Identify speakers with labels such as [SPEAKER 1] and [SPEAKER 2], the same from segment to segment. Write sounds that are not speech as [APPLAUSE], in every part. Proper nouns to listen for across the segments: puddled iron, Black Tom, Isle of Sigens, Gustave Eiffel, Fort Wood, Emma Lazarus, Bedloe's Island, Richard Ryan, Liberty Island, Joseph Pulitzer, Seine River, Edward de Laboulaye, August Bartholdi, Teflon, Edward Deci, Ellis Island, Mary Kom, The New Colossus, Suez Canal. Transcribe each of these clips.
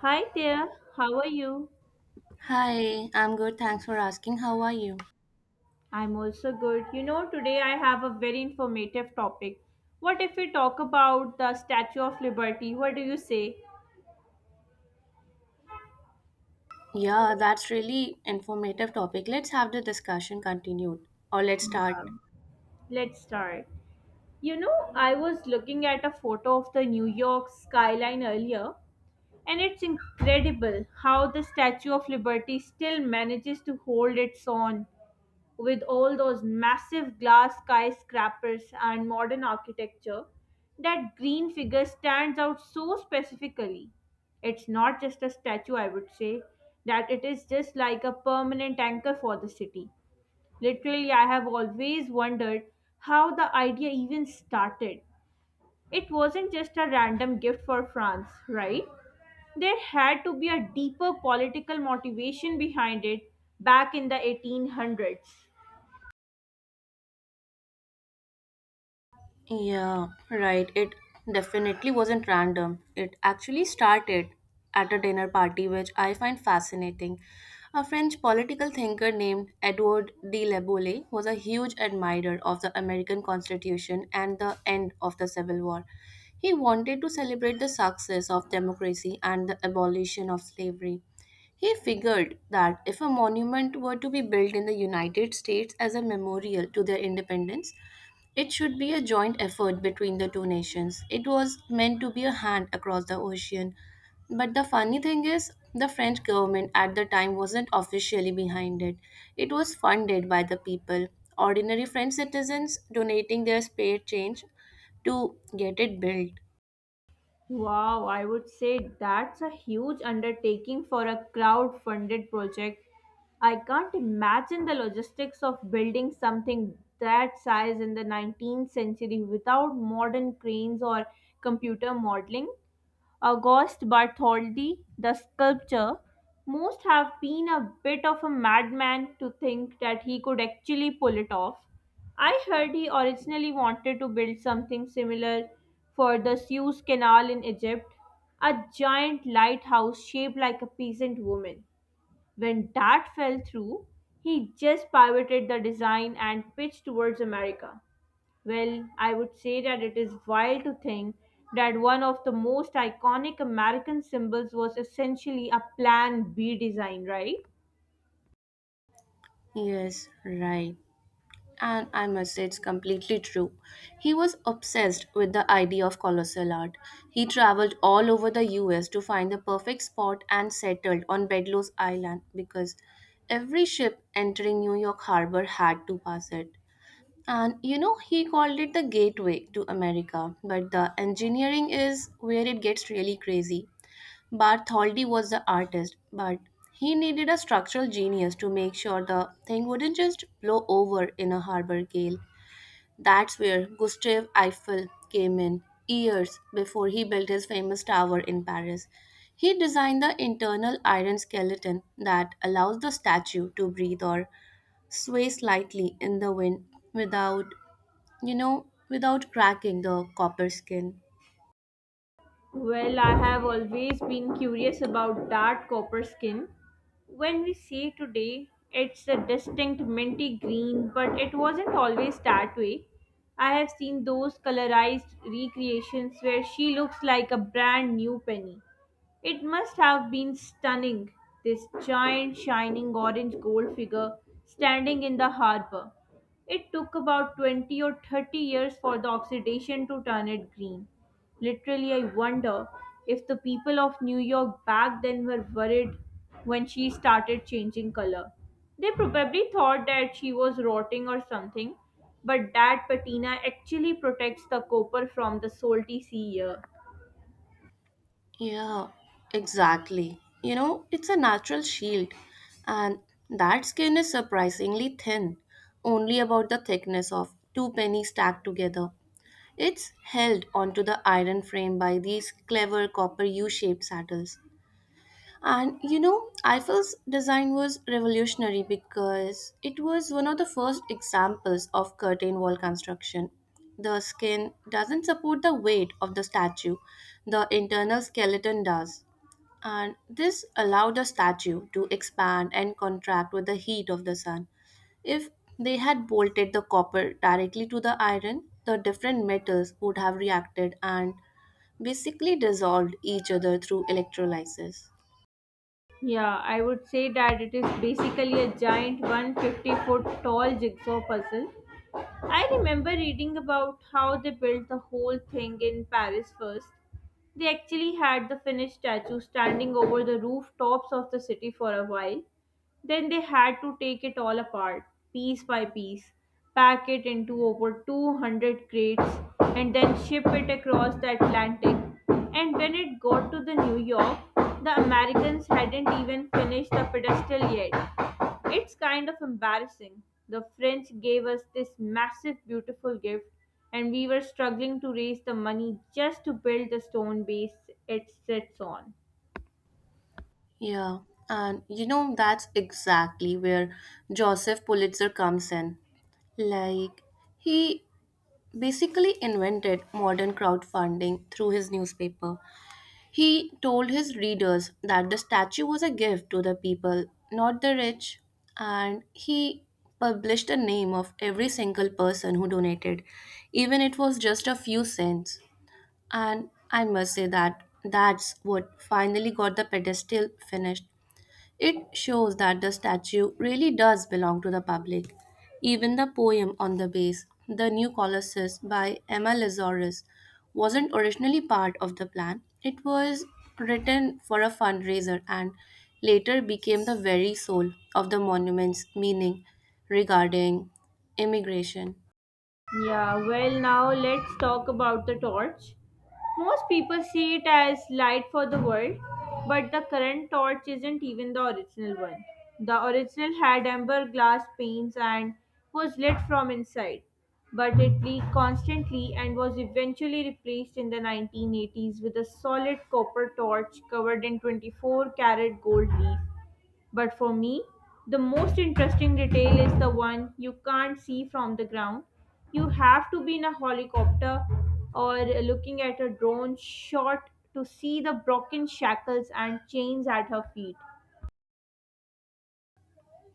[SPEAKER 1] Hi there, how are you?
[SPEAKER 2] Hi, I'm good. Thanks for asking. How are you?
[SPEAKER 1] I'm also good. You know, today I have a very informative topic. What if we talk about the Statue of Liberty? What do you say?
[SPEAKER 2] Yeah, that's really informative topic. Let's have the discussion continued or let's start.
[SPEAKER 1] Yeah. Let's start. You know, I was looking at a photo of the New York skyline earlier, and it's incredible how the Statue of Liberty still manages to hold its own with all those massive glass skyscrapers and modern architecture. That green figure stands out so specifically. It's not just a statue, I would say, that it is just like a permanent anchor for the city. Literally, I have always wondered how the idea even started. It wasn't just a random gift for France, right? There had to be a deeper political motivation behind it back in the 1800s.
[SPEAKER 2] Yeah, right. It definitely wasn't random. It actually started at a dinner party, which I find fascinating. A French political thinker named Edward de Laboulaye was a huge admirer of the American Constitution and the end of the Civil War. He wanted to celebrate the success of democracy and the abolition of slavery. He figured that if a monument were to be built in the United States as a memorial to their independence, it should be a joint effort between the two nations. It was meant to be a hand across the ocean. But the funny thing is, the French government at the time wasn't officially behind it. It was funded by the people, ordinary French citizens donating their spare change to get it built.
[SPEAKER 1] Wow, I would say that's a huge undertaking for a crowd-funded project. I can't imagine the logistics of building something that size in the 19th century without modern cranes or computer modeling. August Bartholdi, the sculptor, must have been a bit of a madman to think that he could actually pull it off. I heard he originally wanted to build something similar for the Suez Canal in Egypt, a giant lighthouse shaped like a peasant woman. When that fell through, he just pivoted the design and pitched towards America. Well, I would say that it is wild to think that one of the most iconic American symbols was essentially a Plan B design, right?
[SPEAKER 2] Yes, right. And I must say, it's completely true. He was obsessed with the idea of colossal art. He traveled all over the US to find the perfect spot and settled on Bedloe's Island because every ship entering New York harbor had to pass it. And you know, he called it the gateway to America, but the engineering is where it gets really crazy. Bartholdi was the artist, but he needed a structural genius to make sure the thing wouldn't just blow over in a harbor gale. That's where Gustave Eiffel came in, years before he built his famous tower in Paris. He designed the internal iron skeleton that allows the statue to breathe or sway slightly in the wind without, you know, without cracking the copper skin.
[SPEAKER 1] Well, I have always been curious about dark copper skin. When we see today, it's a distinct minty green, but it wasn't always that way. I have seen those colorized recreations where she looks like a brand new penny. It must have been stunning, this giant shining orange gold figure standing in the harbor. It took about 20 or 30 years for the oxidation to turn it green. Literally, I wonder if the people of New York back then were worried when she started changing color. They probably thought that she was rotting or something, but that patina actually protects the copper from the salty sea air.
[SPEAKER 2] Yeah, exactly. You know, it's a natural shield, and that skin is surprisingly thin, only about the thickness of two pennies stacked together. It's held onto the iron frame by these clever copper U shaped saddles. And you know, Eiffel's design was revolutionary because it was one of the first examples of curtain wall construction. The skin doesn't support the weight of the statue, the internal skeleton does, and this allowed the statue to expand and contract with the heat of the sun. If they had bolted the copper directly to the iron, the different metals would have reacted and basically dissolved each other through electrolysis.
[SPEAKER 1] Yeah, I would say that it is basically a giant 150-foot tall jigsaw puzzle. I remember reading about how they built the whole thing in Paris first. They actually had the finished statue standing over the rooftops of the city for a while. Then they had to take it all apart, piece by piece, pack it into over 200 crates, and then ship it across the Atlantic. And when it got to the New York, the Americans hadn't even finished the pedestal yet. It's kind of embarrassing. The French gave us this massive, beautiful gift, and we were struggling to raise the money just to build the stone base it sits on.
[SPEAKER 2] Yeah, and you know, that's exactly where Joseph Pulitzer comes in. Like, he basically invented modern crowdfunding through his newspaper. He told his readers that the statue was a gift to the people, not the rich, and he published the name of every single person who donated, even it was just a few cents. And I must say that that's what finally got the pedestal finished. It shows that the statue really does belong to the public. Even the poem on the base, The New Colossus by Emma Lazarus, wasn't originally part of the plan. It was written for a fundraiser and later became the very soul of the monument's meaning regarding immigration.
[SPEAKER 1] Yeah, well, now let's talk about the torch. Most people see it as light for the world, but the current torch isn't even the original one. The original had amber glass panes and was lit from inside, but it leaked constantly and was eventually replaced in the 1980s with a solid copper torch covered in 24 karat gold leaf. But for me, the most interesting detail is the one you can't see from the ground. You have to be in a helicopter or looking at a drone shot to see the broken shackles and chains at her feet.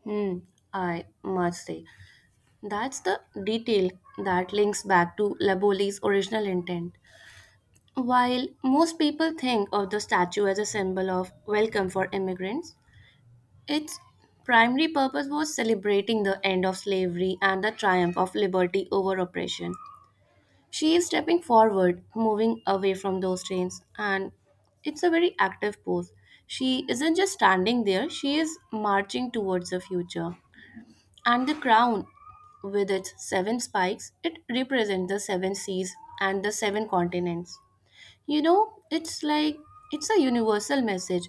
[SPEAKER 2] Hmm, I must say, that's the detail that links back to Laboli's original intent. While most people think of the statue as a symbol of welcome for immigrants, its primary purpose was celebrating the end of slavery and the triumph of liberty over oppression. She is stepping forward, moving away from those chains, and it's a very active pose. She isn't just standing there, she is marching towards the future. And the crown, with its seven spikes, it represents the seven seas and the seven continents. You know, it's like it's a universal message,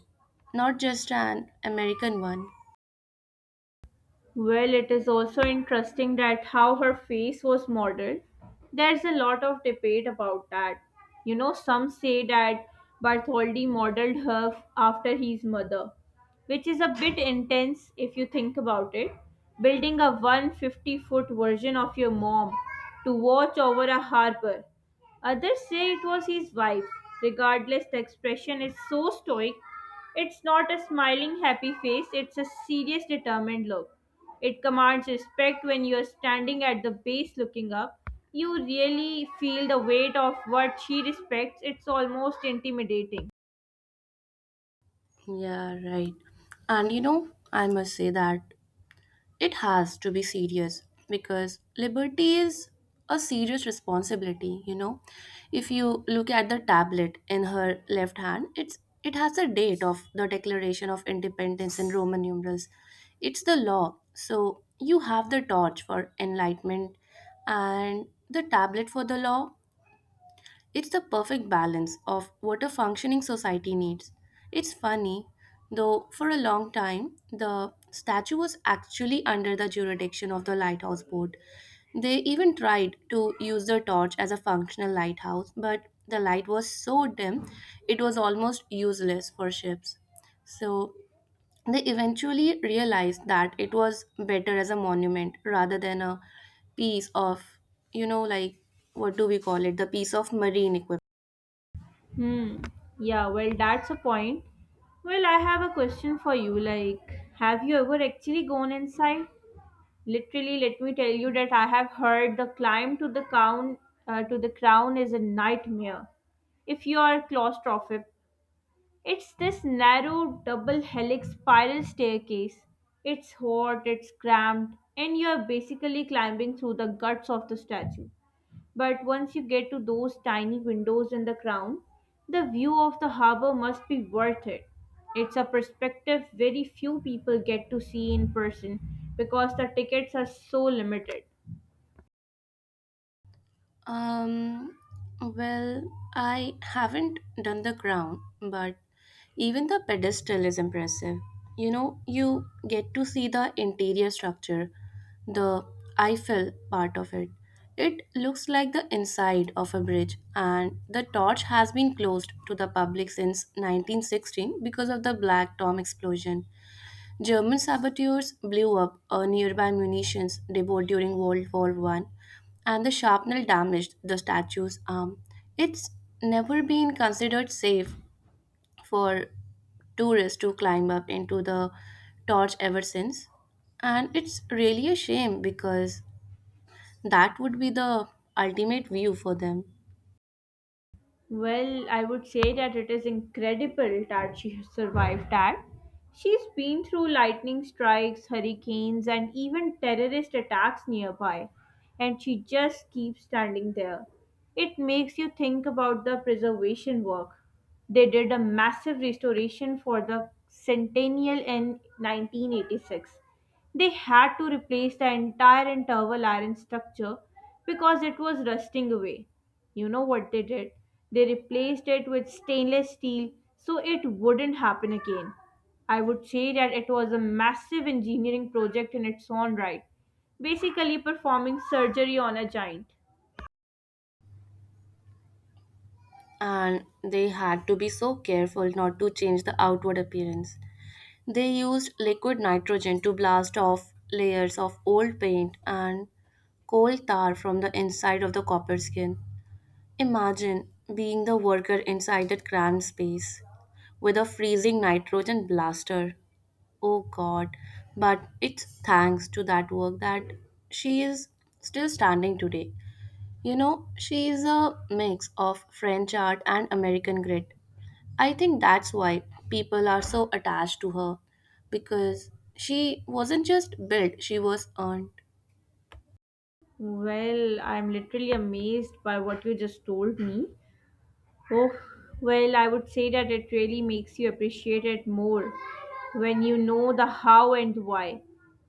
[SPEAKER 2] not just an American one.
[SPEAKER 1] Well, it is also interesting that how her face was modeled. There's a lot of debate about that. You know, some say that Bartholdi modeled her after his mother, which is a bit intense if you think about it. Building a 150-foot version of your mom to watch over a harbor. Others say it was his wife. Regardless, the expression is so stoic. It's not a smiling, happy face, it's a serious, determined look. It commands respect when you're standing at the base looking up. You really feel the weight of what she respects. It's almost intimidating.
[SPEAKER 2] Yeah, right. And you know, I must say that it has to be serious because liberty is a serious responsibility, you know. If you look at the tablet in her left hand, it has the date of the Declaration of Independence in Roman numerals. It's the law. So you have the torch for enlightenment and the tablet for the law, it's the perfect balance of what a functioning society needs. It's funny, though, for a long time, the statue was actually under the jurisdiction of the lighthouse board. They even tried to use the torch as a functional lighthouse, but the light was so dim it was almost useless for ships. So they eventually realized that it was better as a monument rather than a piece of, you know, like what do we call it, the piece of marine equipment.
[SPEAKER 1] Hmm. Yeah, well, that's a point. Well, I have a question for you. Like, have you ever actually gone inside? Literally, let me tell you that I have heard the climb to the crown to the crown is a nightmare. If you are claustrophobic, it's this narrow double helix spiral staircase. It's hot, it's cramped, and you're basically climbing through the guts of the statue. But once you get to those tiny windows in the crown, the view of the harbor must be worth it. It's a perspective very few people get to see in person because the tickets are so limited.
[SPEAKER 2] Um, well, I haven't done the ground, but even the pedestal is impressive. You know, you get to see the interior structure, the Eiffel part of it. It looks like the inside of a bridge, and the torch has been closed to the public since 1916 because of the Black Tom explosion. German saboteurs blew up a nearby munitions depot during World War One, and the shrapnel damaged the statue's arm. It's never been considered safe for tourists to climb up into the torch ever since. And it's really a shame because that would be the ultimate view for them.
[SPEAKER 1] Well, I would say that it is incredible that she has survived that. She's been through lightning strikes, hurricanes, and even terrorist attacks nearby, and she just keeps standing there. It makes you think about the preservation work. They did a massive restoration for the centennial in 1986. They had to replace the entire interval iron structure because it was rusting away. You know what they did? They replaced it with stainless steel so it wouldn't happen again. I would say that it was a massive engineering project in its own right, basically performing surgery on a giant.
[SPEAKER 2] And they had to be so careful not to change the outward appearance. They used liquid nitrogen to blast off layers of old paint and coal tar from the inside of the copper skin. Imagine being the worker inside that cramped space with a freezing nitrogen blaster. Oh god, but it's thanks to that work that she is still standing today. You know, she is a mix of French art and American grit. I think that's why people are so attached to her because she wasn't just built, she was earned.
[SPEAKER 1] Well, I'm literally amazed by what you just told me. Oh, well, I would say that it really makes you appreciate it more when you know the how and why.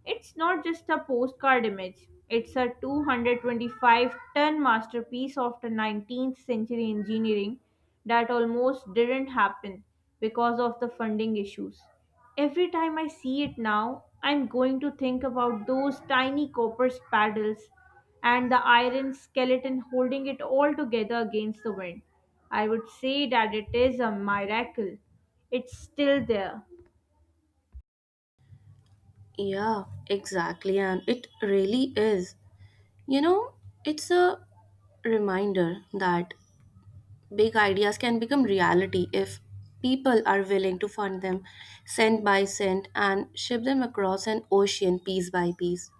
[SPEAKER 1] It's not just a postcard image, it's a 225-ton masterpiece of the 19th century engineering that almost didn't happen because of the funding issues. Every time I see it now, I'm going to think about those tiny copper spades and the iron skeleton holding it all together against the wind. I would say that it is a miracle. It's still there.
[SPEAKER 2] Yeah, exactly, and it really is. You know, it's a reminder that big ideas can become reality if people are willing to fund them cent by cent and ship them across an ocean piece by piece.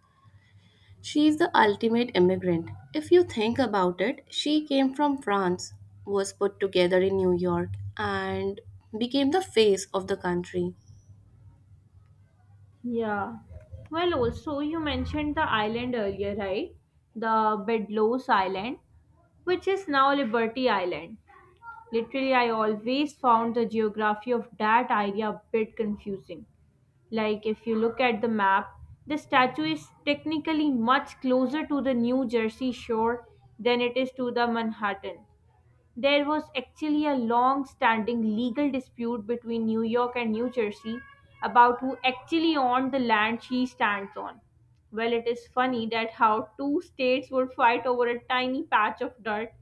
[SPEAKER 2] She is the ultimate immigrant. If you think about it, she came from France, was put together in New York, and became the face of the country.
[SPEAKER 1] Yeah. Well, also, you mentioned the island earlier, right? The Bedloe's Island, which is now Liberty Island. Literally, I always found the geography of that area a bit confusing. Like, if you look at the map, the statue is technically much closer to the New Jersey shore than it is to the Manhattan. There was actually a long standing legal dispute between New York and New Jersey about who actually owned the land she stands on. Well, it is funny that how two states would fight over a tiny patch of dirt,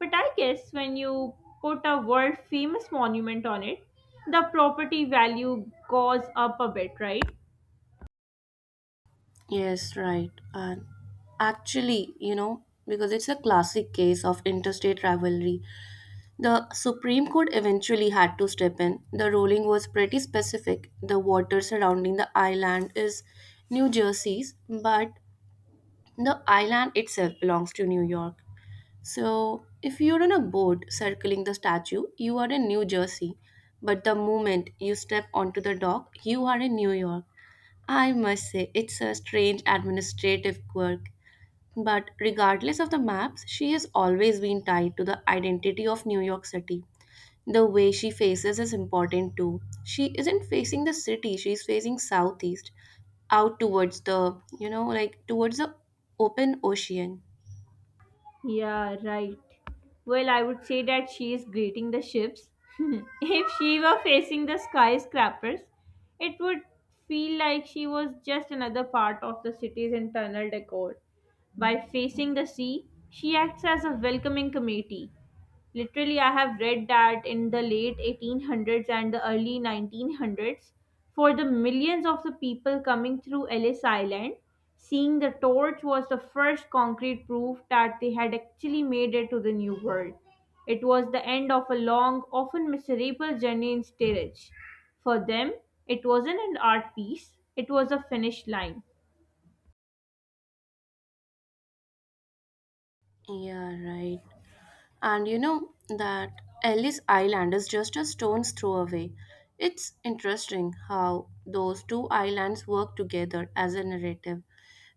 [SPEAKER 1] but I guess when you put a world famous monument on it, the property value goes up a bit, right?
[SPEAKER 2] Yes, right. And actually, you know, because it's a classic case of interstate rivalry, the Supreme Court eventually had to step in. The ruling was pretty specific. The water surrounding the island is New Jersey's, but the island itself belongs to New York. So, if you're on a boat circling the statue, you are in New Jersey. But the moment you step onto the dock, you are in New York. I must say, it's a strange administrative quirk. But regardless of the maps, she has always been tied to the identity of New York City. The way she faces is important too. She isn't facing the city, she's facing southeast, out towards the, you know, like towards the open ocean.
[SPEAKER 1] Yeah, right. Well, I would say that she is greeting the ships. [LAUGHS] If she were facing the skyscrapers, it would feel like she was just another part of the city's internal decor. By facing the sea, she acts as a welcoming committee. Literally, I have read that in the late 1800s and the early 1900s, for the millions of the people coming through Ellis Island, seeing the torch was the first concrete proof that they had actually made it to the New World. It was the end of a long, often miserable journey in steerage. For them, it wasn't an art piece, it was a finish line.
[SPEAKER 2] Yeah, right. And you know that Ellis Island is just a stone's throw away. It's interesting how those two islands work together as a narrative.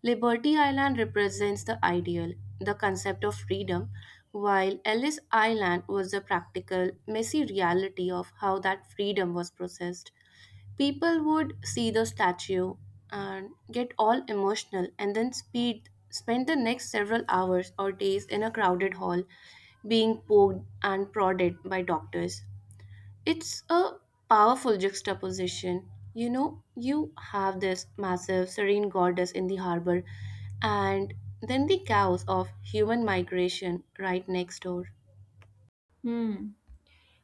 [SPEAKER 2] Liberty Island represents the ideal, the concept of freedom, while Ellis Island was the practical, messy reality of how that freedom was processed. People would see the statue and get all emotional and then spend the next several hours or days in a crowded hall being poked and prodded by doctors. It's a powerful juxtaposition. You know, you have this massive serene goddess in the harbor and then the chaos of human migration right next door.
[SPEAKER 1] Hmm.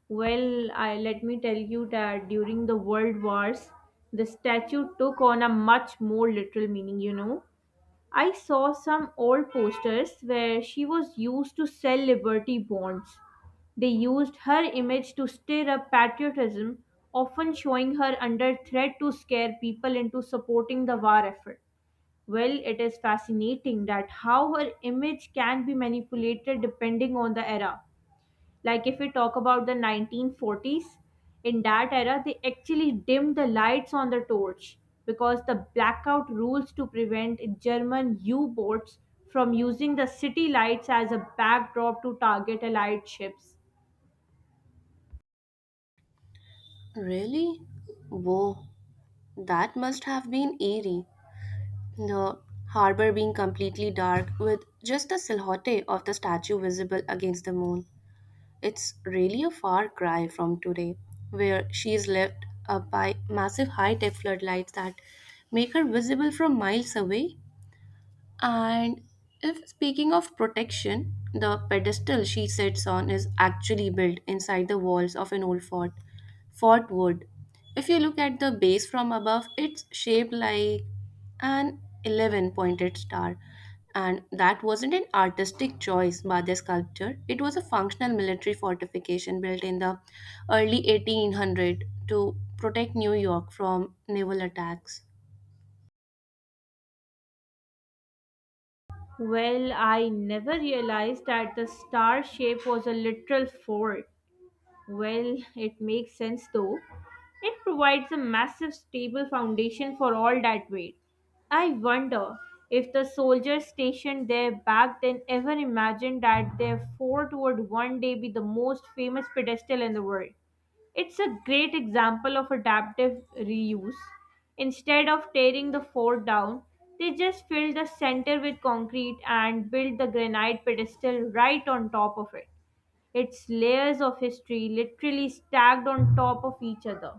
[SPEAKER 1] Well, I, let me tell you that during the World Wars, the statue took on a much more literal meaning, you know. I saw some old posters where she was used to sell liberty bonds. They used her image to stir up patriotism, often showing her under threat to scare people into supporting the war effort. Well, it is fascinating that how her image can be manipulated depending on the era. Like if we talk about the 1940s, in that era, they actually dimmed the lights on the torch because the blackout rules to prevent German U boats from using the city lights as a backdrop to target allied ships.
[SPEAKER 2] Really? Whoa, that must have been eerie. The harbor being completely dark, with just the silhouette of the statue visible against the moon. It's really a far cry from today, where she is lit up by massive high tech floodlights that make her visible from miles away. And if speaking of protection, the pedestal she sits on is actually built inside the walls of an old fort, Fort Wood. If you look at the base from above, it's shaped like an 11 pointed star. And that wasn't an artistic choice by the sculptor, it was a functional military fortification built in the early 1800 to protect New York from naval attacks.
[SPEAKER 1] Well, I never realized that the star shape was a literal fort. Well, it makes sense though. It provides a massive stable foundation for all that weight. I wonder if the soldiers stationed there back then ever imagined that their fort would one day be the most famous pedestal in the world. It's a great example of adaptive reuse. Instead of tearing the fort down, they just filled the center with concrete and built the granite pedestal right on top of it. It's layers of history literally stacked on top of each other.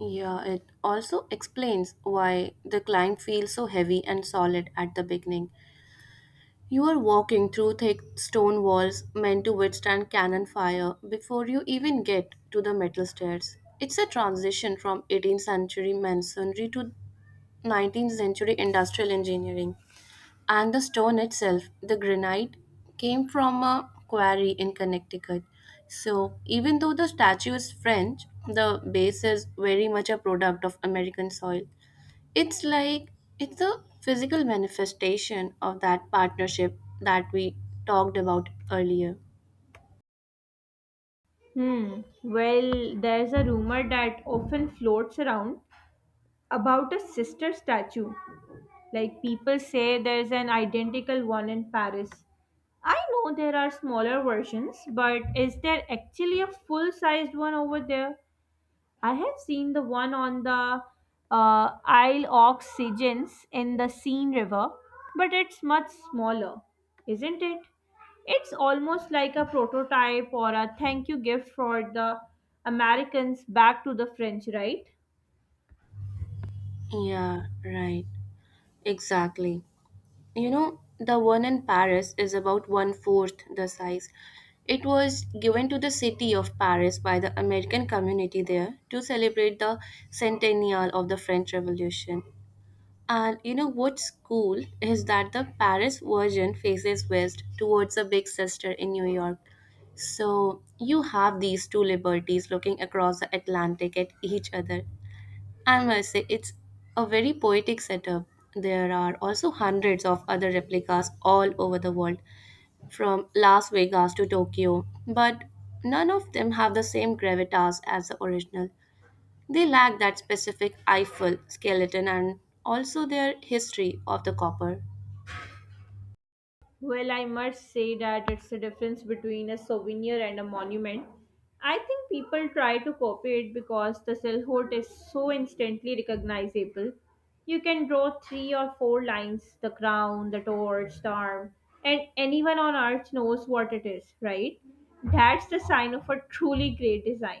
[SPEAKER 2] Yeah, it also explains why the climb feels so heavy and solid at the beginning. You are walking through thick stone walls meant to withstand cannon fire before you even get to the metal stairs. It's a transition from 18th century masonry to 19th century industrial engineering. And the stone itself, the granite, came from a quarry in Connecticut. So, even though the statue is French, the base is very much a product of American soil. It's like it's a physical manifestation of that partnership that we talked about earlier.
[SPEAKER 1] Hmm. Well, there's a rumor that often floats around about a sister statue. Like people say there's an identical one in Paris. I know there are smaller versions, but is there actually a full sized one over there? I have seen the one on the Isle of Sigens in the Seine River, but it's much smaller, isn't it? It's almost like a prototype or a thank you gift for the Americans back to the French, right?
[SPEAKER 2] Yeah, right. Exactly. You know, the one in Paris is about one fourth the size. It was given to the city of Paris by the American community there to celebrate the centennial of the French Revolution. And you know what's cool is that the Paris version faces west towards the big sister in New York. So you have these two liberties looking across the Atlantic at each other. I must say, it's a very poetic setup. There are also hundreds of other replicas all over the world, from Las Vegas to Tokyo, but none of them have the same gravitas as the original. They lack that specific Eiffel skeleton and also their history of the copper.
[SPEAKER 1] Well, I must say that it's the difference between a souvenir and a monument. I think people try to copy it because the silhouette is so instantly recognizable. You can draw three or four lines the crown, the torch, the arm, and anyone on earth knows what it is, right? That's the sign of a truly great design.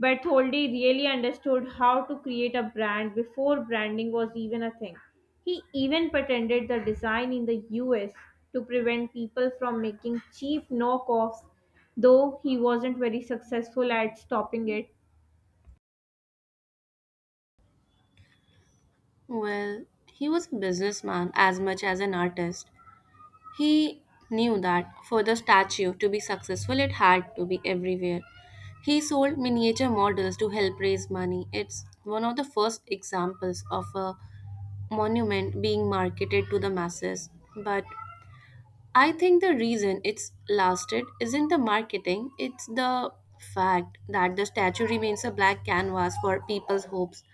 [SPEAKER 1] But really understood how to create a brand before branding was even a thing. He even patented the design in the US to prevent people from making cheap knockoffs, though he wasn't very successful at stopping it.
[SPEAKER 2] Well, he was a businessman as much as an artist. He knew that for the statue to be successful, it had to be everywhere. He sold miniature models to help raise money. It's one of the first examples of a monument being marketed to the masses. But I think the reason it's lasted isn't the marketing, it's the fact that the statue remains a black canvas for people's hopes.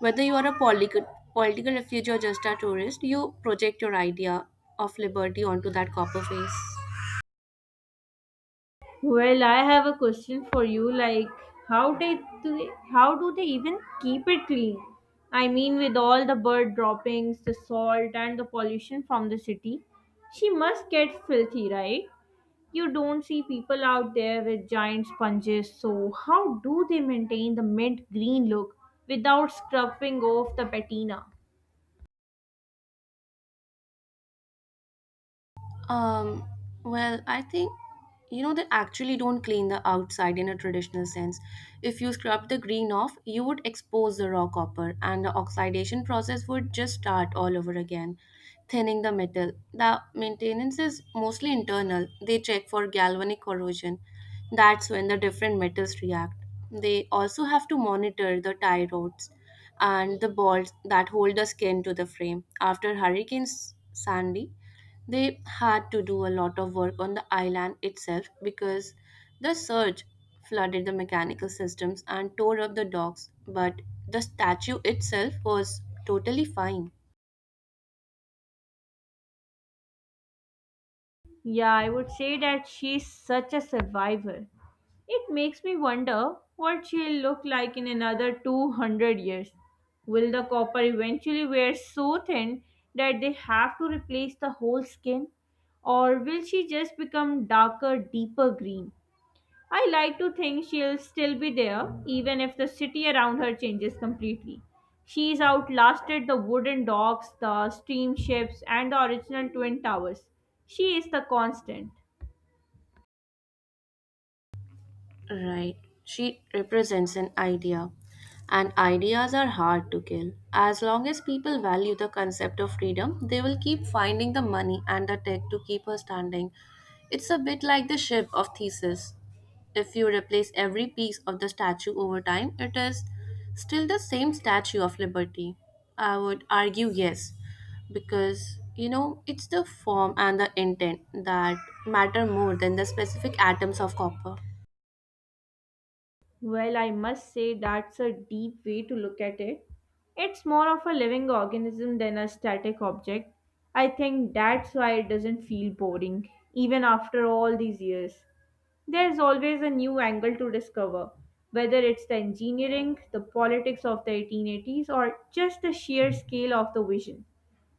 [SPEAKER 2] Whether you are a political refugee or just a tourist, you project your idea of liberty onto that copper face.
[SPEAKER 1] Well, I have a question for you. How do they even keep it clean? I mean, with all the bird droppings, the salt, and the pollution from the city, she must get filthy, right? You don't see people out there with giant sponges, so how do they maintain the mint green look without scrubbing off the patina?
[SPEAKER 2] Um, well, I think you know they actually don't clean the outside in a traditional sense. If you scrubbed the green off, you would expose the raw copper, and the oxidation process would just start all over again, thinning the metal. The maintenance is mostly internal. They check for galvanic corrosion. That's when the different metals react. They also have to monitor the tie rods and the bolts that hold the skin to the frame. After Hurricane Sandy, they had to do a lot of work on the island itself because the surge flooded the mechanical systems and tore up the docks, but the statue itself was totally fine.
[SPEAKER 1] Yeah, I would say that she's such a survivor. It makes me wonder what she'll look like in another 200 years. Will the copper eventually wear so thin that they have to replace the whole skin? Or will she just become darker, deeper green? I like to think she'll still be there, even if the city around her changes completely. She's outlasted the wooden docks, the steamships, and the original twin towers. She is the constant.
[SPEAKER 2] Right. She represents an idea. And ideas are hard to kill. As long as people value the concept of freedom, they will keep finding the money and the tech to keep her standing. It's a bit like the ship of Theseus. If you replace every piece of the statue over time, it is still the same statue of liberty. I would argue yes, because you know it's the form and the intent that matter more than the specific atoms of copper.
[SPEAKER 1] Well, I must say that's a deep way to look at it. It's more of a living organism than a static object. I think that's why it doesn't feel boring, even after all these years. There's always a new angle to discover, whether it's the engineering, the politics of the 1880s, or just the sheer scale of the vision.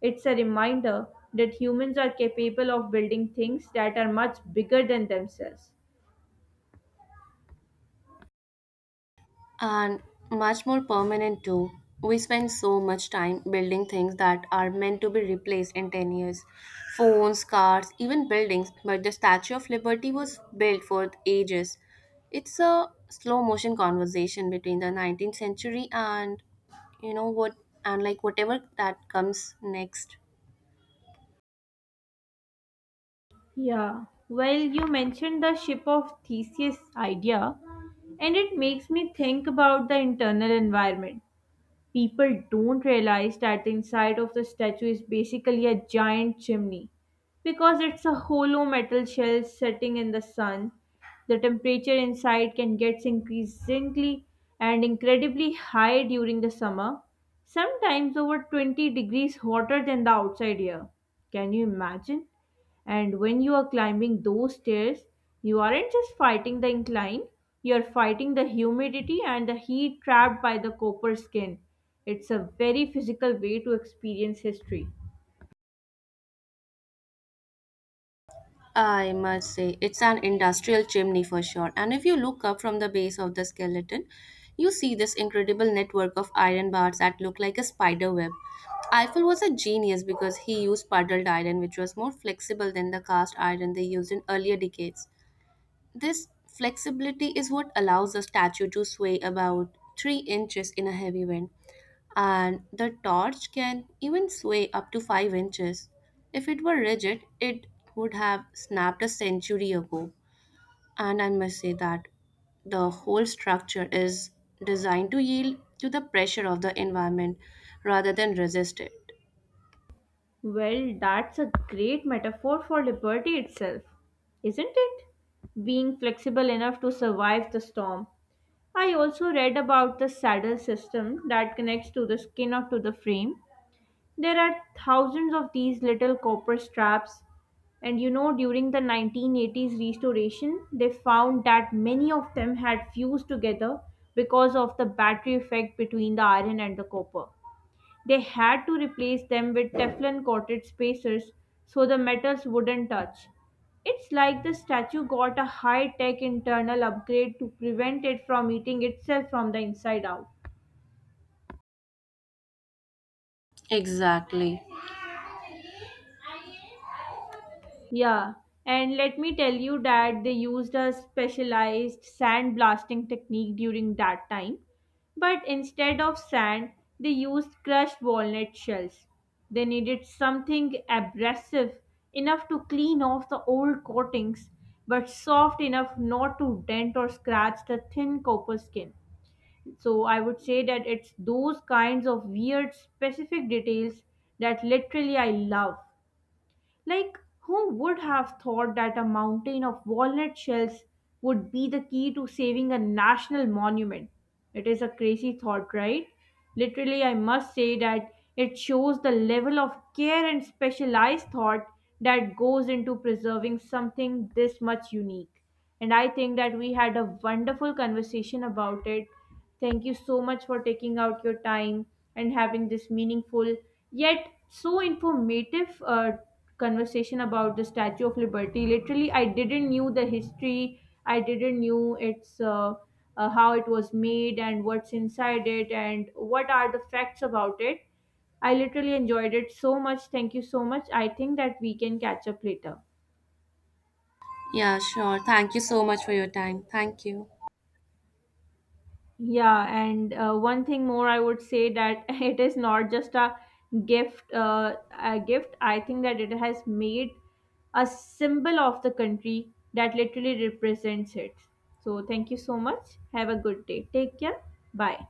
[SPEAKER 1] It's a reminder that humans are capable of building things that are much bigger than themselves.
[SPEAKER 2] And much more permanent too. We spend so much time building things that are meant to be replaced in 10 years, phones, cars, even buildings. But the Statue of Liberty was built for ages. It's a slow motion conversation between the 19th century and you know what and like whatever that comes next.
[SPEAKER 1] Yeah, well, you mentioned the ship of Theseus idea, and it makes me think about the internal environment. People don't realize that the inside of the statue is basically a giant chimney because it's a hollow metal shell sitting in the sun. The temperature inside can get increasingly and incredibly high during the summer, sometimes over 20 degrees hotter than the outside air. Can you imagine? And when you are climbing those stairs, you aren't just fighting the incline, you're fighting the humidity and the heat trapped by the copper skin. It's a very physical way to experience history.
[SPEAKER 2] I must say, it's an industrial chimney for sure. And if you look up from the base of the skeleton, you see this incredible network of iron bars that look like a spider web. Eiffel was a genius because he used puddled iron, which was more flexible than the cast iron they used in earlier decades. This flexibility is what allows the statue to sway about 3 inches in a heavy wind and the torch can even sway up to 5 inches. If it were rigid, it would have snapped a century ago. And I must say that the whole structure is designed to yield to the pressure of the environment rather than resist it.
[SPEAKER 1] Well, that's a great metaphor for liberty itself, isn't it? Being flexible enough to survive the storm. I also read about the saddle system that connects to the skin or to the frame. There are thousands of these little copper straps, and you know, during the 1980s restoration, they found that many of them had fused together because of the battery effect between the iron and the copper. They had to replace them with Teflon coated spacers so the metals wouldn't touch. It's like the statue got a high tech internal upgrade to prevent it from eating itself from the inside out.
[SPEAKER 2] Exactly.
[SPEAKER 1] Yeah, and let me tell you that they used a specialized sand blasting technique during that time. But instead of sand, they used crushed walnut shells. They needed something abrasive enough to clean off the old coatings, but soft enough not to dent or scratch the thin copper skin. So I would say that it's those kinds of weird specific details that literally I love. Like, who would have thought that a mountain of walnut shells would be the key to saving a national monument? It is a crazy thought, right? Literally, I must say that it shows the level of care and specialized thought that goes into preserving something this much unique. And I think that we had a wonderful conversation about it. Thank you so much for taking out your time and having this meaningful yet so informative conversation about the Statue of Liberty. Literally, I didn't knew the history. I didn't knew its how it was made and what's inside it and what are the facts about it. I literally enjoyed it so much. Thank you so much. I think that we can catch up later.
[SPEAKER 2] Yeah, sure. Thank you so much for your time. Thank you.
[SPEAKER 1] Yeah, and one thing more, I would say that [LAUGHS] it is not just a gift. I think that it has made a symbol of the country that literally represents it. So thank you so much. Have a good day. Take care. Bye.